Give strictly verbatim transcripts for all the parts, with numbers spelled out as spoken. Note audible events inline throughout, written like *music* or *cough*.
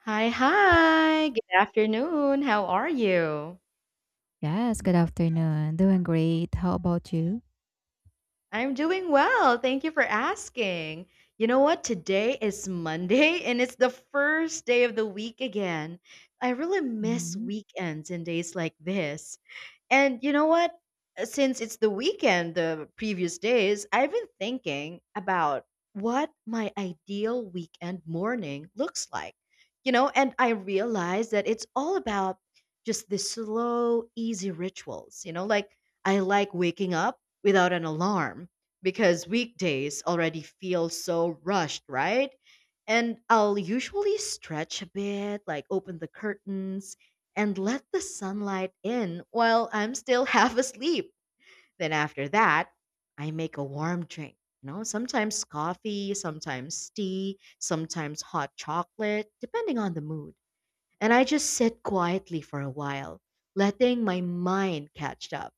Hi, hi. Good afternoon. How are you? Yes, good afternoon. Doing great. How about you? I'm doing well. Thank you for asking. You know what? Today is Monday *laughs* and it's the first day of the week again. I really miss hmm weekends and days like this. And you know what? Uh, Since it's the weekend, the previous days, I've been thinking about what my ideal weekend morning looks like. You know, and I realized that it's all about just the slow, easy rituals. You know, like I like waking up without an alarm because weekdays already feel so rushed, right? And I'll usually stretch a bit, like open the curtains and let the sunlight in while I'm still *laughs* half asleep. Then after that, I make a warm drink. You know, sometimes coffee, sometimes tea, sometimes hot chocolate, depending on the mood. And I just sit quietly for a while, letting my mind catch up.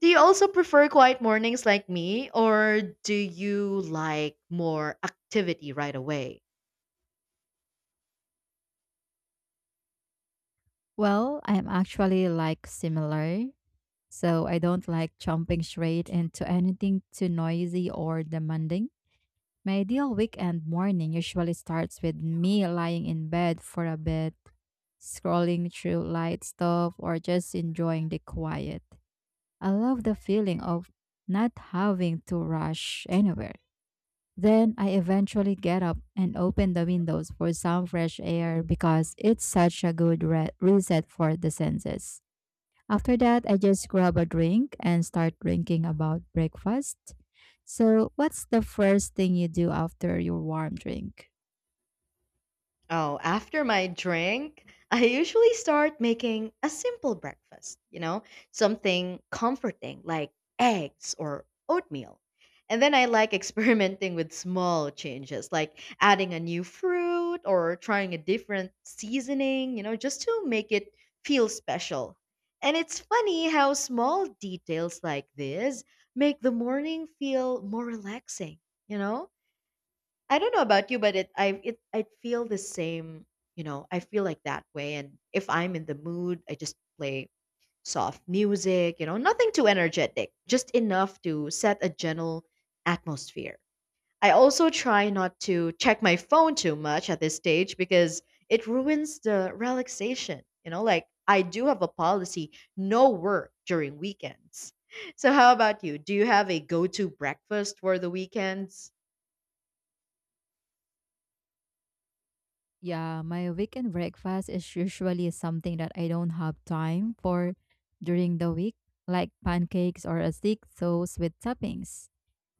Do you also prefer quiet mornings like me, or do you like more activity right away? Well, I'm actually like similar. So I don't like jumping straight into anything too noisy or demanding. My ideal weekend morning usually starts with me lying in bed for a bit, scrolling through light stuff, or just enjoying the quiet. I love the feeling of not having to rush anywhere. Then I eventually get up and open the windows for some fresh air because it's such a good re- reset for the senses. After that, I just grab a drink and start drinking about breakfast. So, what's the first thing you do after your warm drink? Oh, after my drink, I usually start making a simple breakfast, you know, something comforting like eggs or oatmeal. And then I like *laughs* experimenting with small changes, like adding a new fruit or trying a different seasoning, you know, just to make it feel special. And it's funny how small details like this make the morning feel more relaxing, you know? I don't know about you, but it I it I feel the same, you know, I feel like that way. And if I'm in the mood, I just play soft music, you know, nothing too energetic, just enough to set a gentle atmosphere. I also try not to check my phone too much at this stage because it ruins the relaxation. You know, like I do have a policy, no work during weekends. *laughs* So how about you? Do you have a go-to breakfast for the weekends? Yeah, my weekend breakfast is usually something that I don't have time for during the week, like pancakes or a thick toast with toppings.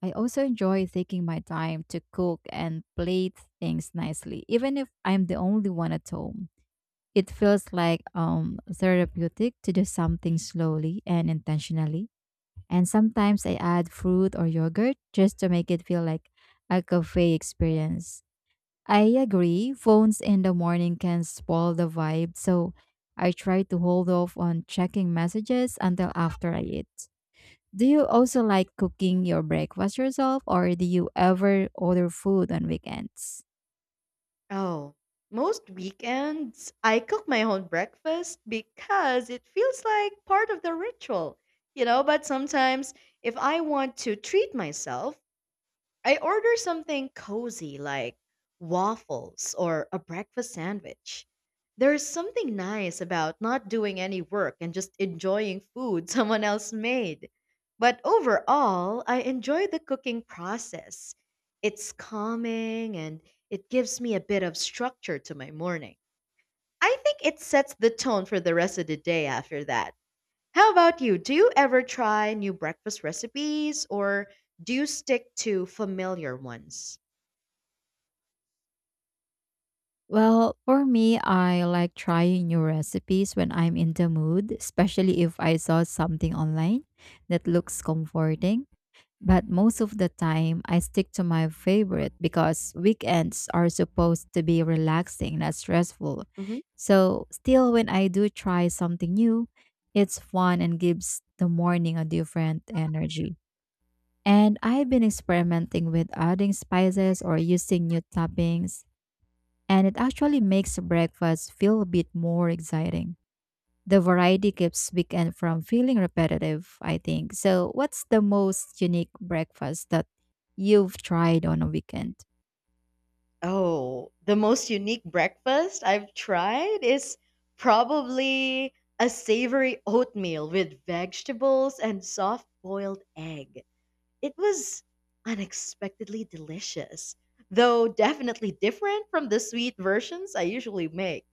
I also enjoy taking my time to cook and plate things nicely, even if I'm the only one at home. It feels like um therapeutic to do something slowly and intentionally. And sometimes I add fruit or yogurt just to make it feel like a cafe experience. I agree, phones in the morning can spoil the vibe, so I try to hold off on checking messages until after I eat. Do you also like cooking your breakfast yourself or do you ever order food on weekends? Oh, most weekends I cook my own breakfast because it feels like part of the ritual, you know. But sometimes, if I want to treat myself, I order something cozy like waffles or a breakfast sandwich. There's something nice about not doing any work and just enjoying food *laughs* someone else made. But overall, I enjoy the cooking process. It's calming and it gives me a bit of structure to my morning. I think it sets the tone for the rest of the day after that. How about you? Do you ever try new breakfast recipes or do you stick to familiar ones? Well, for me, I like trying new recipes when I'm in the mood, especially if I saw something online that looks comforting. But most of the time, I stick to my favorite because weekends are supposed to be relaxing, not stressful. hmm So, still, when I do try something new, it's fun and gives the morning a different energy. And I've been experimenting with adding spices or using new toppings, and it actually makes breakfast feel a bit more exciting. The variety keeps weekend from feeling repetitive, I think. So, what's the most unique breakfast that you've tried on a weekend? Oh, the most unique breakfast I've tried is probably a savory oatmeal with vegetables and soft boiled egg. It was unexpectedly delicious, though definitely different from the sweet versions I usually make.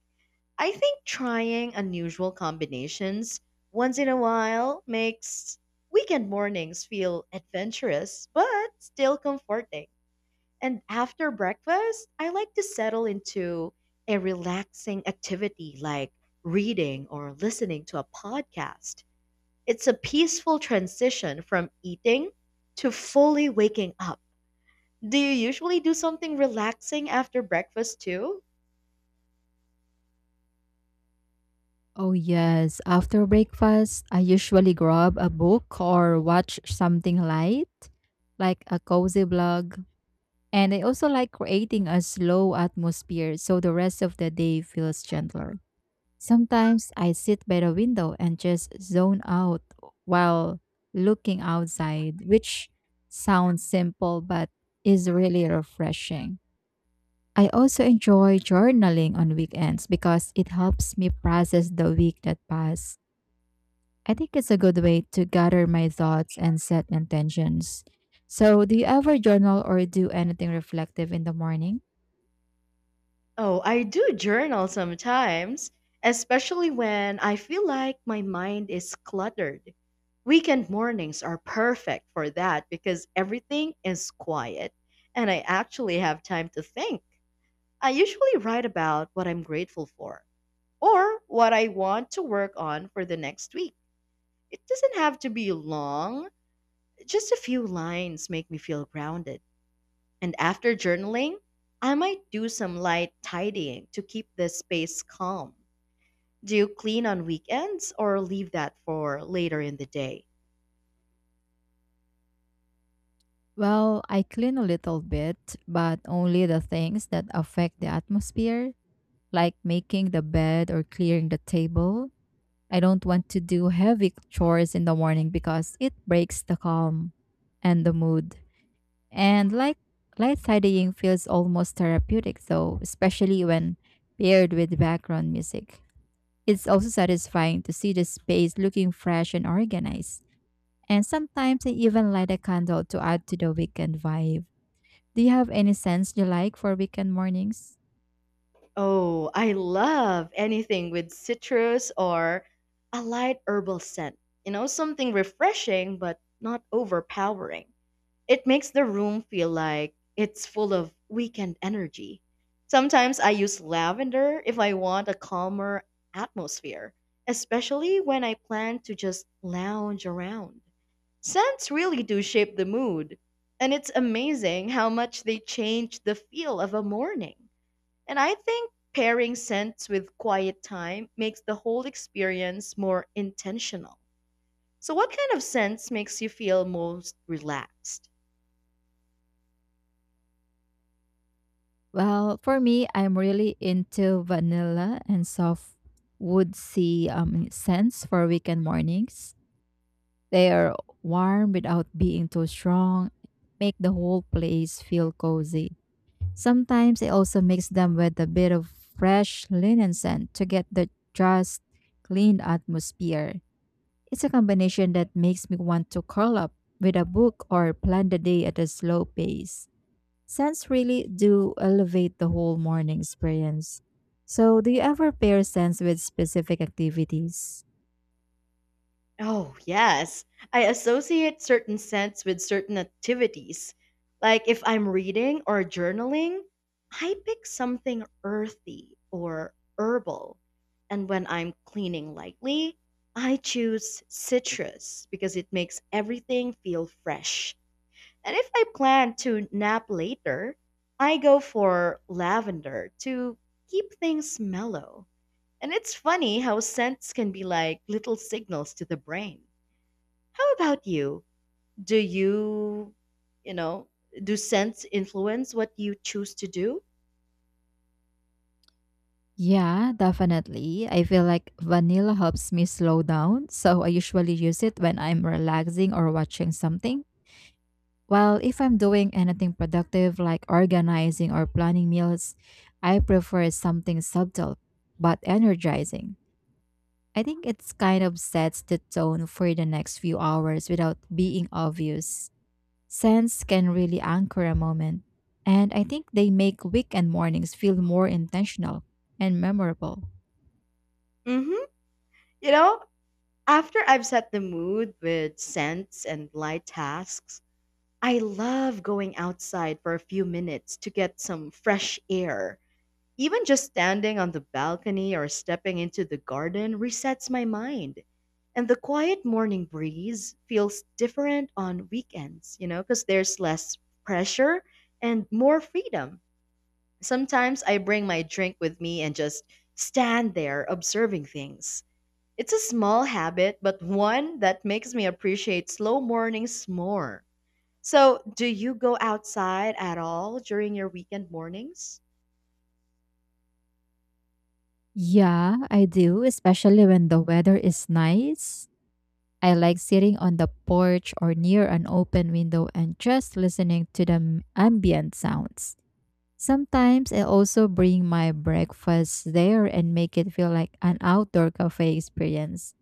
I think trying unusual combinations once in a while makes weekend mornings feel adventurous but still comforting. And after breakfast, I like to settle into a relaxing activity like reading or listening to a podcast. It's a peaceful transition from eating to fully waking up. Do you usually do something relaxing after breakfast too? Oh, yes. After breakfast, I usually grab a book or watch something light, like a cozy vlog. And I also like creating a slow atmosphere so the rest of the day feels gentler. Sometimes I sit by the window and just zone out while looking outside, which sounds simple but is really refreshing. I also enjoy journaling on weekends because it helps me process the week that passed. I think it's a good way to gather my thoughts and set intentions. So, do you ever journal or do anything reflective in the morning? Oh, I do journal sometimes, especially when I feel like my mind is cluttered. Weekend mornings are perfect for that because everything is quiet and I actually have time to think. I usually write about what I'm grateful for or what I want to work on for the next week. It doesn't have to be long, just a few lines make me feel grounded. And after journaling, I might do some light tidying to keep the space calm. Do you clean on weekends or leave that for later in the day? Well, I clean a little bit, but only the things that affect the atmosphere, like making the bed or clearing the table. I don't want to do heavy chores in the morning because it breaks the calm and the mood. And like light tidying feels almost therapeutic, though, especially when paired with background music. It's also satisfying to see the space looking fresh and organized. And sometimes I even light a candle to add to the weekend vibe. Do you have any scents you like for weekend mornings? Oh, I love anything with citrus or a light herbal scent. You know, something refreshing but not overpowering. It makes the room feel like it's full of weekend energy. Sometimes I use lavender if I want a calmer atmosphere, especially when I plan to just lounge around. Scents really do shape the mood, and it's amazing how much they change the feel of a morning. And I think pairing scents with quiet time makes the whole experience more intentional. So, what kind of scents makes you feel most relaxed? Well, for me, I'm really into vanilla and soft woodsy um, scents for weekend mornings. They are warm without being too strong, make the whole place feel cozy. Sometimes I also mix them with a bit of fresh linen scent to get the just clean atmosphere. It's a combination that makes me want to curl up with a book or plan the day at a slow pace. Scents really do elevate the whole morning experience. So, do you ever pair scents with specific activities? Oh, yes. I associate certain scents with certain activities. Like if I'm reading or journaling, I pick something earthy or herbal. And when I'm cleaning lightly, I choose citrus because it makes everything feel fresh. And if I plan to nap later, I go for lavender to keep things mellow. And it's funny how scents can be like little signals to the brain. How about you? Do you, you know, do scents influence what you choose to do? Yeah, definitely. I feel like vanilla helps me slow down, so I usually use it when I'm relaxing or watching something. While if I'm doing anything productive like organizing or planning meals, I prefer something subtle but energizing. I think it's kind of sets the tone for the next few hours without being obvious. Scents can really anchor a moment, and I think they make weekend mornings feel more intentional and memorable. Mm-hmm. You know, after I've set the mood with scents and light tasks, I love going outside for a few minutes to get some fresh air. Even just standing on the balcony or stepping into the garden resets my mind. And the quiet morning breeze feels different on weekends, you know, because there's less pressure and more freedom. Sometimes I bring my drink with me and just stand there observing things. It's a small habit, but one that makes me appreciate slow mornings more. So, do you go outside at all during your weekend mornings? Yeah, I do, especially when the weather is nice. I like sitting on the porch or near an open window and just listening to the m- ambient sounds. Sometimes I also bring my breakfast there and make it feel like an outdoor cafe experience.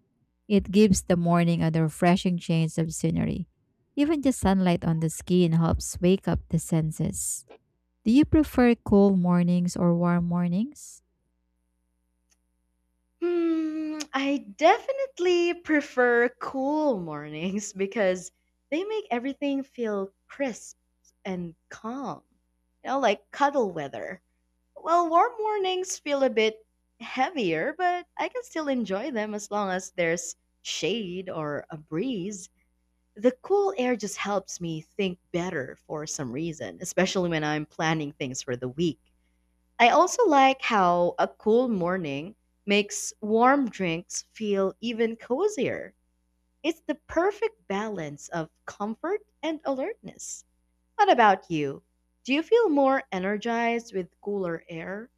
It gives the morning a refreshing change of scenery. Even the sunlight on the skin helps wake up the senses. Do you prefer cool mornings or warm mornings? Hmm, I definitely prefer cool mornings *laughs* because they make everything feel crisp and calm. You know, like cuddle weather. Well, warm mornings feel a bit heavier, but I can still enjoy them as long as there's shade or a breeze. The cool air just helps me think better for some reason, especially when I'm planning things for the week. I also like how a cool morning makes warm drinks feel even cozier. It's the perfect balance of comfort and alertness. What about you? Do you feel more energized with cooler air?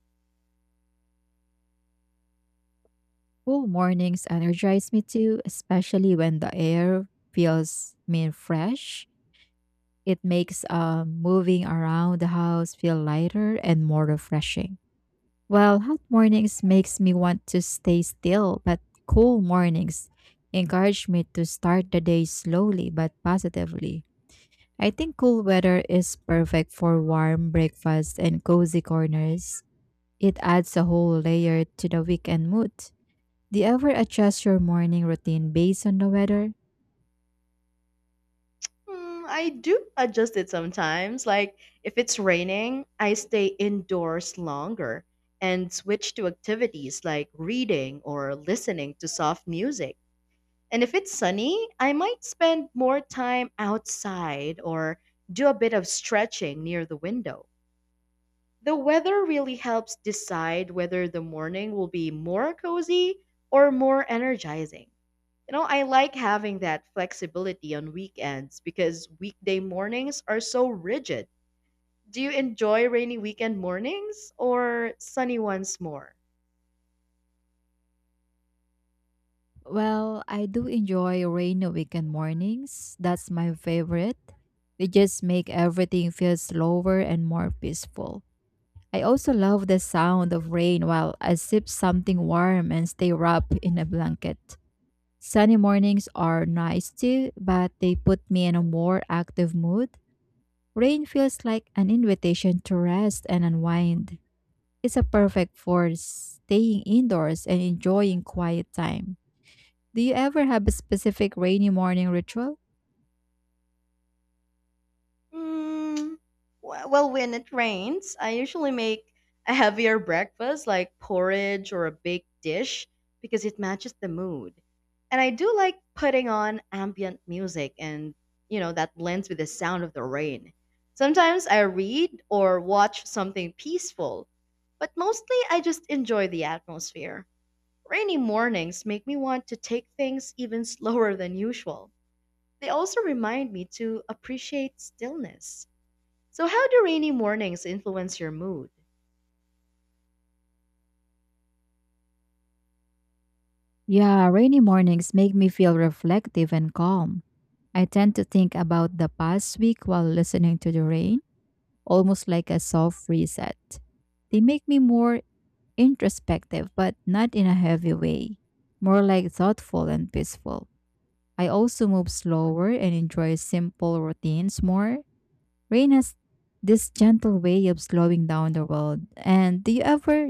Cool mornings energize me too, especially when the air feels mean fresh. It makes uh, moving around the house feel lighter and more refreshing. Well, hot mornings makes me want to stay still, but cool mornings encourage me to start the day slowly but positively. I think cool weather is perfect for warm breakfasts and cozy corners. It adds a whole layer to the weekend mood. Do you ever adjust your morning routine based on the weather? Mm, I do adjust it sometimes. Like if it's raining, I stay indoors longer and switch to activities like reading or listening to soft music. And if it's sunny, I might spend more time outside or do a bit of stretching near the window. The weather really helps decide whether the morning will be more cozy or more energizing. You know, I like having that flexibility on weekends because weekday mornings are so rigid. Do you enjoy rainy weekend mornings or sunny ones more? Well, I do enjoy rainy weekend mornings. That's my favorite. They just make everything feel slower and more peaceful. I also love the sound of rain while I sip something warm and stay wrapped in a blanket. Sunny mornings are nice too, but they put me in a more active mood. Rain feels like an invitation to rest and unwind. It's a perfect for staying indoors and enjoying quiet time. Do you ever have a specific rainy morning ritual? Mm, w- well, when it rains, I usually make a heavier breakfast like porridge or a baked dish because it matches the mood. And I do like putting on ambient music and, you know, that blends with the sound of the rain. Sometimes I read or watch something peaceful, but mostly I just enjoy the atmosphere. Rainy mornings make me want to take things even slower than usual. They also remind me to appreciate stillness. So, how do rainy mornings influence your mood? Yeah, rainy mornings make me feel reflective and calm. I tend to think about the past week while listening to the rain, almost like a soft reset. They make me more introspective, but not in a heavy way, more like thoughtful and peaceful. I also move slower and enjoy simple routines more. Rain has this gentle way of slowing down the world. And do you ever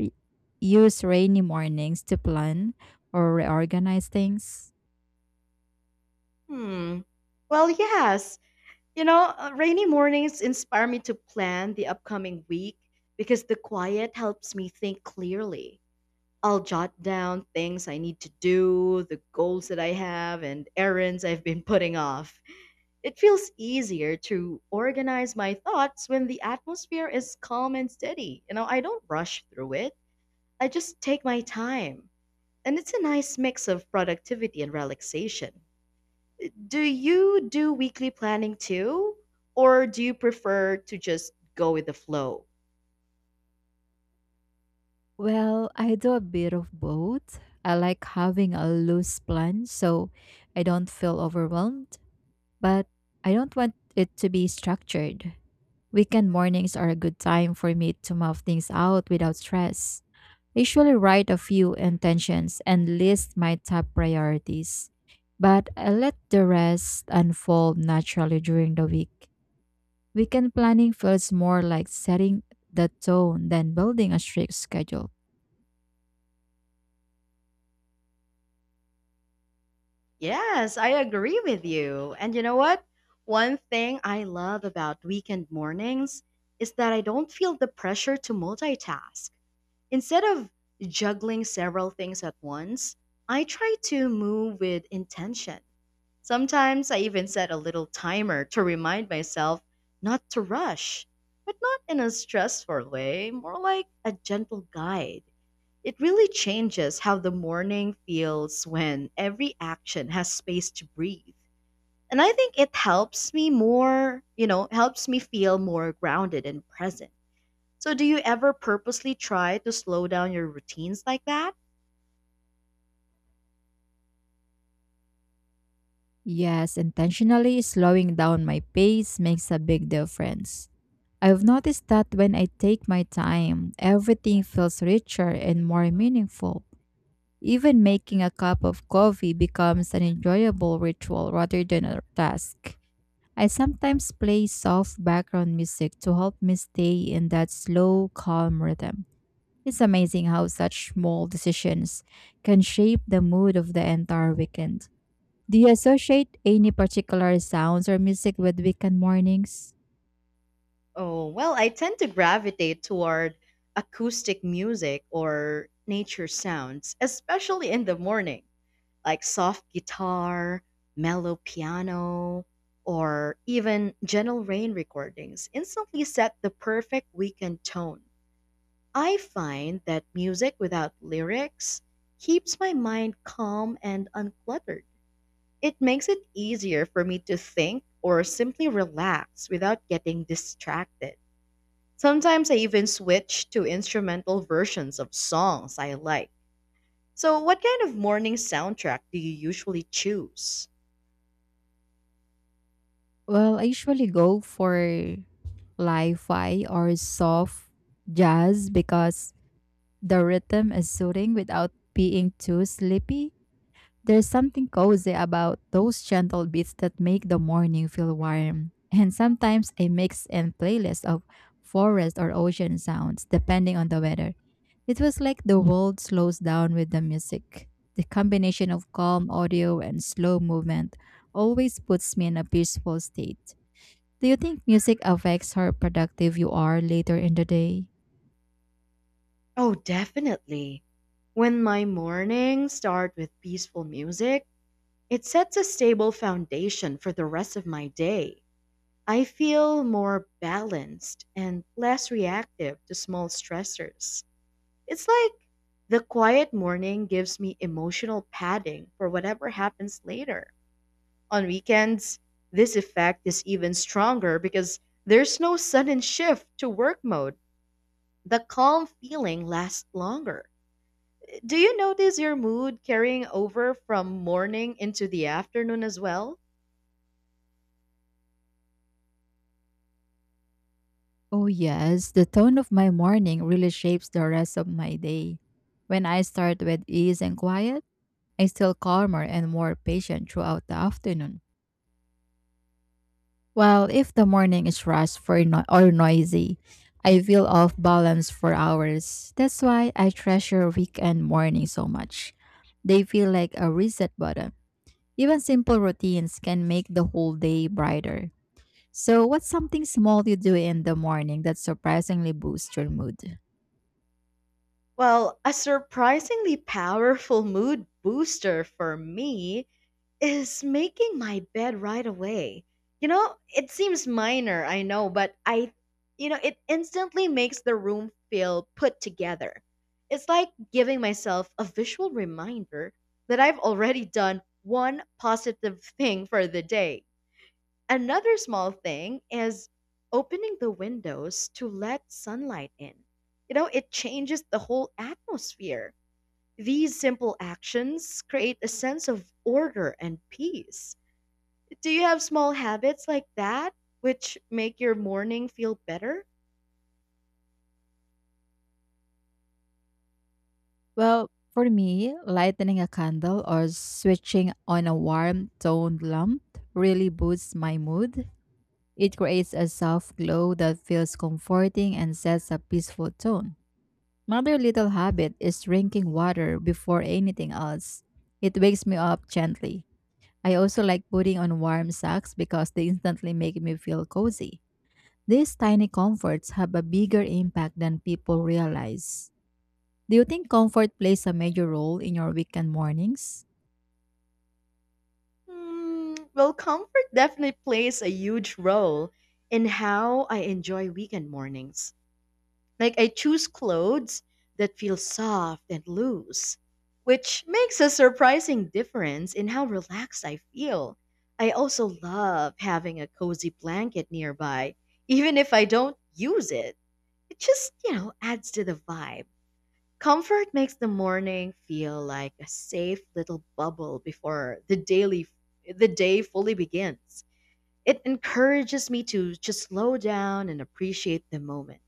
use rainy mornings to plan or reorganize things? Hmm. Well, yes. You know, uh, rainy mornings inspire me to plan the upcoming week because the quiet helps me think clearly. I'll jot down things I need to do, the goals that I have, and errands I've been *laughs* putting off. It feels easier to organize my thoughts when the atmosphere is calm and steady. You know, I don't rush through it, I just take my time. And it's a nice mix of productivity and relaxation. Do you do weekly planning too? Or do you prefer to just go with the flow? Well, I do a bit of both. I like having a loose plan so I don't feel overwhelmed, but I don't want it to be structured. Weekend mornings are a good time for me to mouth things out without stress. I usually write a few intentions and list my top priorities, but I let the rest unfold naturally during the week. Weekend planning feels more like setting the tone than building a strict schedule. Yes, I agree with you. And you know what? One thing I love about weekend mornings is that I don't feel the pressure to multitask. Instead of juggling several things at once, I try to move with intention. Sometimes I even set a little timer to remind myself not to rush, but not in a stressful way, more like a gentle guide. It really changes how the morning feels when every action has space to breathe. And I think it helps me more, you know, helps me feel more grounded and present. So, do you ever purposely try to slow down your routines like that? Yes, intentionally slowing down my pace makes a big difference. I've noticed that when I take my time, everything feels richer and more meaningful. Even making a cup of coffee becomes an enjoyable ritual rather than a task. I sometimes play soft background music to help me stay in that slow, calm rhythm. It's amazing how such small decisions can shape the mood of the entire weekend. Do you associate any particular sounds or music with weekend mornings? Oh, well, I tend to gravitate toward acoustic music or nature sounds, especially in the morning, like soft guitar, mellow piano, or even gentle rain recordings instantly set the perfect weekend tone. I find that music without lyrics keeps my mind calm and uncluttered. It makes it easier for me to think or simply relax without getting distracted. Sometimes I even switch to instrumental versions of songs I like. So, what kind of morning soundtrack do you usually choose? Well, I usually go for li-fi or soft jazz because the rhythm is soothing without being too sleepy. There's something cozy about those gentle beats that make the morning feel warm. And sometimes I mix in playlists of forest or ocean sounds depending on the weather. It was like the world slows down with the music. The combination of calm audio and slow movement always puts me in a peaceful state. Do you think music affects how productive you are later in the day? Oh, definitely. When my mornings start with peaceful music, it sets a stable foundation for the rest of my day. I feel more balanced and less reactive to small stressors. It's like the quiet morning gives me emotional padding for whatever happens later. On weekends, this effect is even stronger because there's no sudden shift to work mode. The calm feeling lasts longer. Do you notice your mood carrying over from morning into the afternoon as well? Oh, yes, the tone of my morning really shapes the rest of my day. When I start with ease and quiet, I feel calmer and more patient throughout the afternoon. Well, if the morning is rushed for no- or noisy, I feel off balance for hours. That's why I treasure weekend mornings so much. They feel like a reset button. Even simple routines can make the whole day brighter. So, what's something small you do in the morning that surprisingly boosts your mood? Well, a surprisingly powerful mood booster for me is making my bed right away. You know, it seems minor, I know, but I, you know, it instantly makes the room feel put together. It's like giving myself a visual reminder that I've already done one positive thing for the day. Another small thing is opening the windows to let sunlight in. You know, it changes the whole atmosphere. These simple actions create a sense of order and peace. Do you have small habits like that which make your morning feel better? Well, for me, lighting a candle or switching on a warm toned lamp really boosts my mood. It creates a soft glow that feels comforting and sets a peaceful tone. Another little habit is drinking water before anything else. It wakes me up gently. I also like putting on warm socks because they instantly make me feel cozy. These tiny comforts have a bigger impact than people realize. Do you think comfort plays a major role in your weekend mornings? Hmm, well, comfort definitely plays a huge role in how I enjoy weekend mornings. Like I choose clothes that feel soft and loose, which makes a surprising difference in how relaxed I feel. I also love having a cozy blanket nearby, even if I don't use it. It just, you know, adds to the vibe. Comfort makes the morning feel like a safe little bubble before the daily the day fully begins. It encourages me to just slow down and appreciate the moment.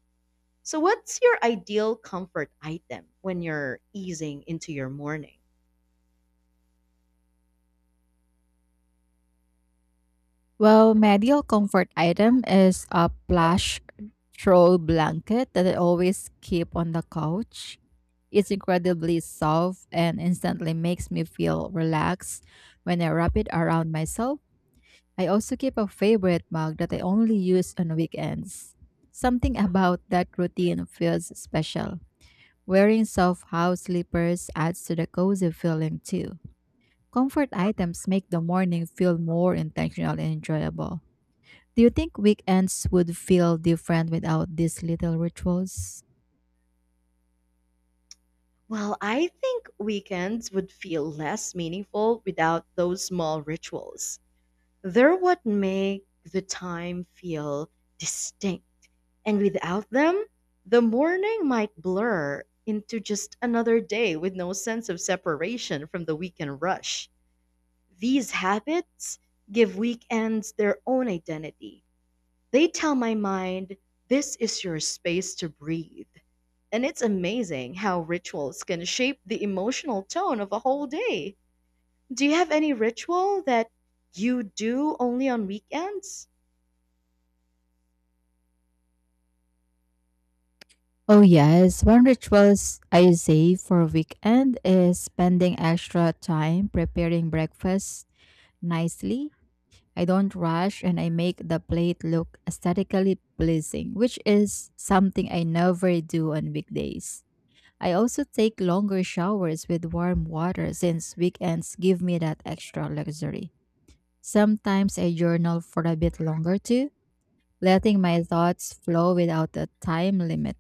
So, what's your ideal comfort item when you're easing into your morning? Well, my ideal comfort item is a plush throw blanket that I always keep on the couch. It's incredibly soft and instantly makes me feel relaxed when I wrap it around myself. I also keep a favorite mug that I only use on weekends. Something about that routine feels special. Wearing soft house slippers adds to the cozy feeling too. Comfort items make the morning feel more intentional and enjoyable. Do you think weekends would feel different without these little rituals? Well, I think weekends would feel less meaningful without those small rituals. They're what make the time feel distinct. And without them, the morning might blur into just another day with no sense of separation from the weekend rush. These habits give weekends their own identity. They tell my mind, this is your space to breathe. And it's amazing how rituals can shape the emotional tone of a whole day. Do you have any ritual that you do only on weekends? Oh yes, one ritual I save for weekend is spending extra time preparing breakfast nicely. I don't rush and I make the plate look aesthetically pleasing, which is something I never do on weekdays. I also take longer showers with warm water since weekends give me that extra luxury. Sometimes I journal for a bit longer too, letting my thoughts flow without a time limit.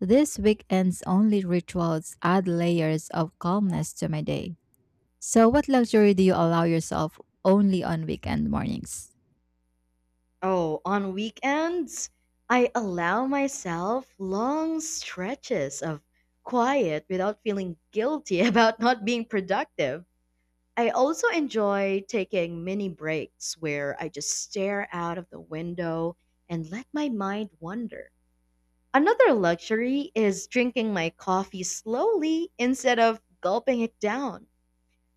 This weekend's only rituals add layers of calmness to my day. So, what luxury do you allow yourself only on weekend mornings? Oh, on weekends, I allow myself long stretches of quiet without feeling guilty *laughs* about not being productive. I also enjoy taking mini breaks where I just stare out of the window and let my mind wander. Another luxury is drinking my coffee slowly instead of gulping it down.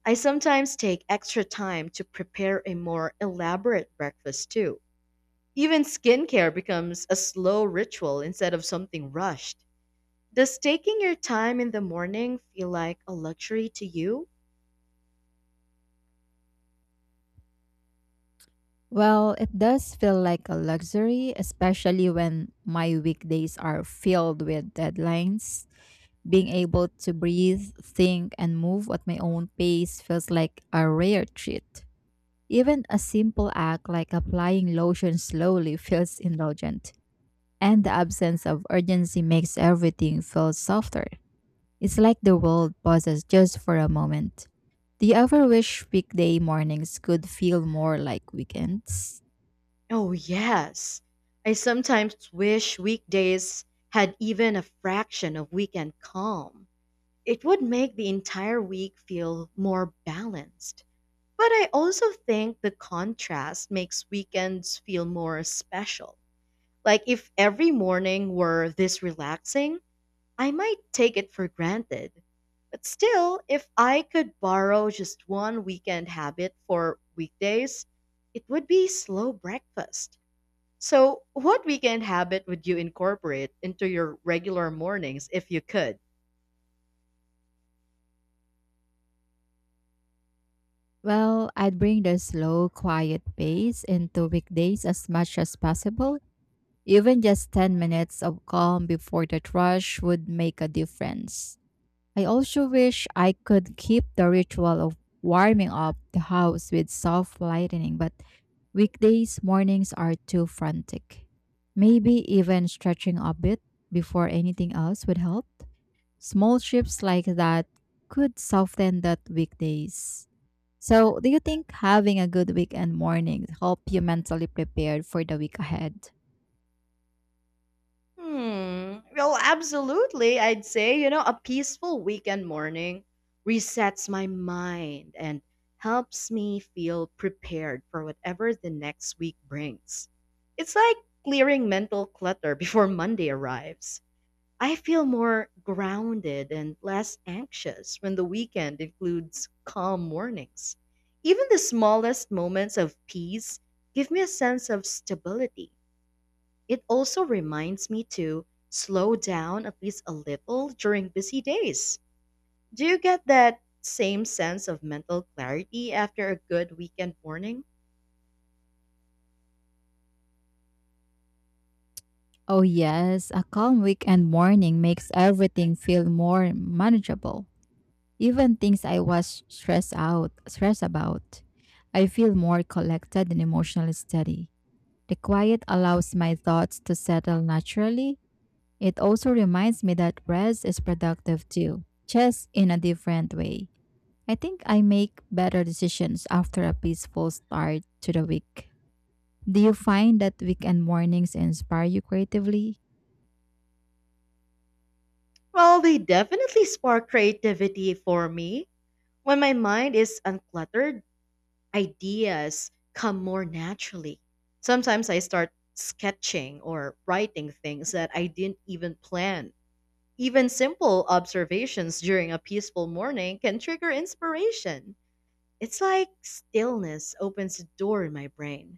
I sometimes take extra time to prepare a more elaborate breakfast too. Even skincare becomes a slow ritual instead of something rushed. Does taking your time in the morning feel like a luxury to you? Well, it does feel like a luxury, especially when my weekdays are filled with deadlines. Being able to breathe, think, and move at my own pace feels like a rare treat. Even a simple act like applying lotion slowly *laughs* feels indulgent, and the absence of urgency makes everything feel softer. It's like the world pauses just for a moment. Do you ever wish weekday mornings could feel more like weekends? Oh, yes. I sometimes wish weekdays had even a fraction of weekend calm. It would make the entire week feel more balanced. But I also think the contrast makes weekends feel more special. Like if every morning were this relaxing, I might take it for granted. But still, if I could borrow just one weekend habit for weekdays, it would be slow breakfast. So, what weekend habit would you incorporate into your regular mornings if you could? Well, I'd bring the slow, quiet pace into weekdays as much as possible. Even just ten minutes of calm before the rush would make a difference. I also wish I could keep the ritual of warming up the house with soft lighting, but weekdays mornings are too frantic. Maybe even stretching a bit before anything else would help. Small shifts like that could soften that weekdays. So, do you think having a good weekend morning help you mentally prepared for the week ahead? Hmm. Well, absolutely. I'd say, you know, a peaceful weekend morning resets my mind and helps me feel prepared for whatever the next week brings. It's like clearing mental clutter before Monday arrives. I feel more grounded and less anxious when the weekend includes calm mornings. Even the smallest moments of peace give me a sense of stability. It also reminds me to slow down at least a little during busy days. Do you get that same sense of mental clarity after a good weekend morning? Oh yes, a calm weekend morning makes everything feel more manageable. Even things I was stressed out, stressed about, I feel more collected and emotionally steady. The quiet allows my thoughts to settle naturally. It also reminds me that rest is productive too, just in a different way. I think I make better decisions after a peaceful start to the week. Do you find that weekend mornings inspire you creatively? Well, they definitely spark creativity for me. When my mind is uncluttered, ideas come more naturally. Sometimes I start sketching or writing things that I didn't even plan. Even simple observations during a peaceful morning can trigger inspiration. It's like stillness opens a door in my brain.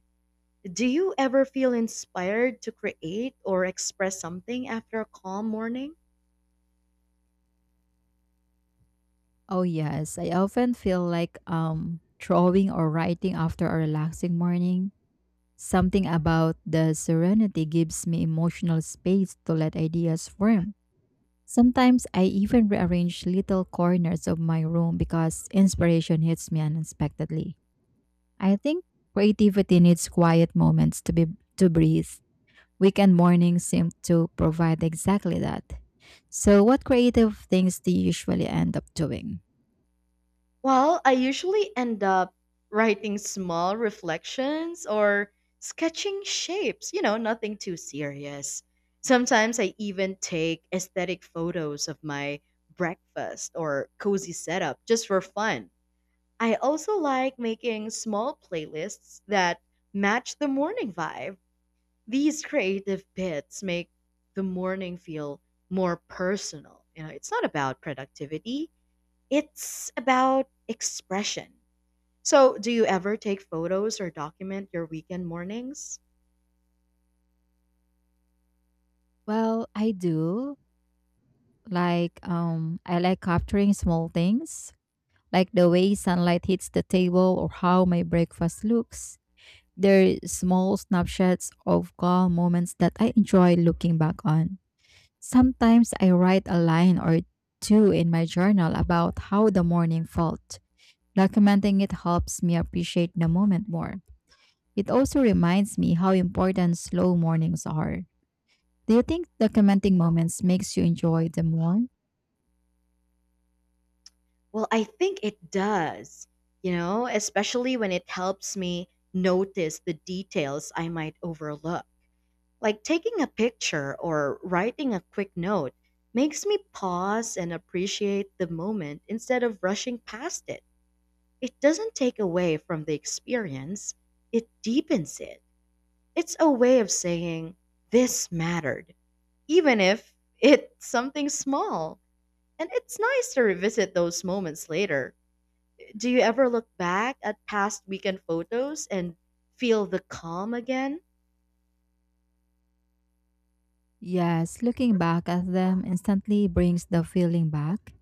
Do you ever feel inspired to create or express something after a calm morning? Oh yes, I often feel like um drawing or writing after a relaxing morning. Something about the serenity gives me emotional space to let ideas form. Sometimes I even rearrange little corners of my room because inspiration hits me unexpectedly. I think creativity needs quiet moments to be to breathe. Weekend mornings seem to provide exactly that. So what creative things do you usually end up doing? Well, I usually end up writing small reflections or sketching shapes, you know, nothing too serious. Sometimes I even take aesthetic photos of my breakfast or cozy setup just for fun. I also like making small playlists that match the morning vibe. These creative bits make the morning feel more personal. You know, it's not about productivity, it's about expression. So, do you ever take photos or document your weekend mornings? Well, I do like um I like capturing small things like the way sunlight hits the table or how my breakfast looks. They're small snapshots of calm moments that I enjoy looking back on. Sometimes I write a line or two in my journal about how the morning felt. Documenting it helps me appreciate the moment more. It also reminds me how important slow mornings are. Do you think documenting moments makes you enjoy them more? Well, I think it does, you know, especially when it helps me notice the details I might overlook. Like taking a picture or writing a quick note makes me pause and appreciate the moment instead of rushing past it. It doesn't take away from the experience, it deepens it. It's a way of saying, this mattered, even if it's something small. And it's nice to revisit those moments later. Do you ever look back at past weekend photos and feel the calm again? Yes, looking back at them instantly brings the feeling back.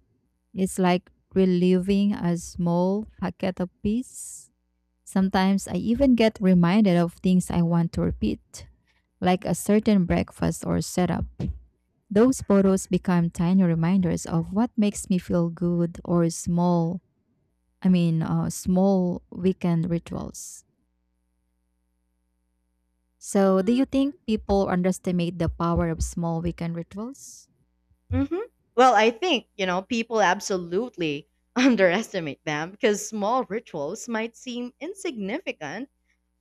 It's like reliving a small packet of peace. Sometimes I even get reminded of things I want to repeat, like a certain breakfast or setup. Those photos become tiny reminders of what makes me feel good or small, I mean, uh, small weekend rituals. So, do you think people underestimate the power of small weekend rituals? Mm-hmm. Well, I think, you know, people absolutely *laughs* underestimate them because small rituals might seem insignificant,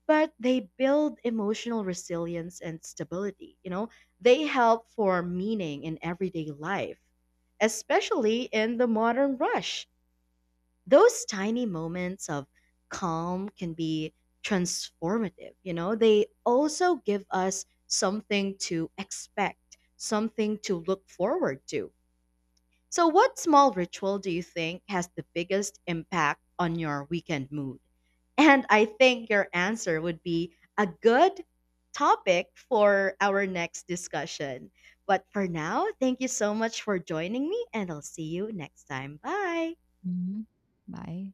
but they build emotional resilience and stability. You know, they help form meaning in everyday life, especially in the modern rush. Those tiny moments of calm can be transformative, you know? They also give us something to expect, something to look forward to. So, what small ritual do you think has the biggest impact on your weekend mood? And I think your answer would be a good topic for our next discussion. But for now, thank you so much for joining me, and I'll see you next time. Bye. Mhm. Bye.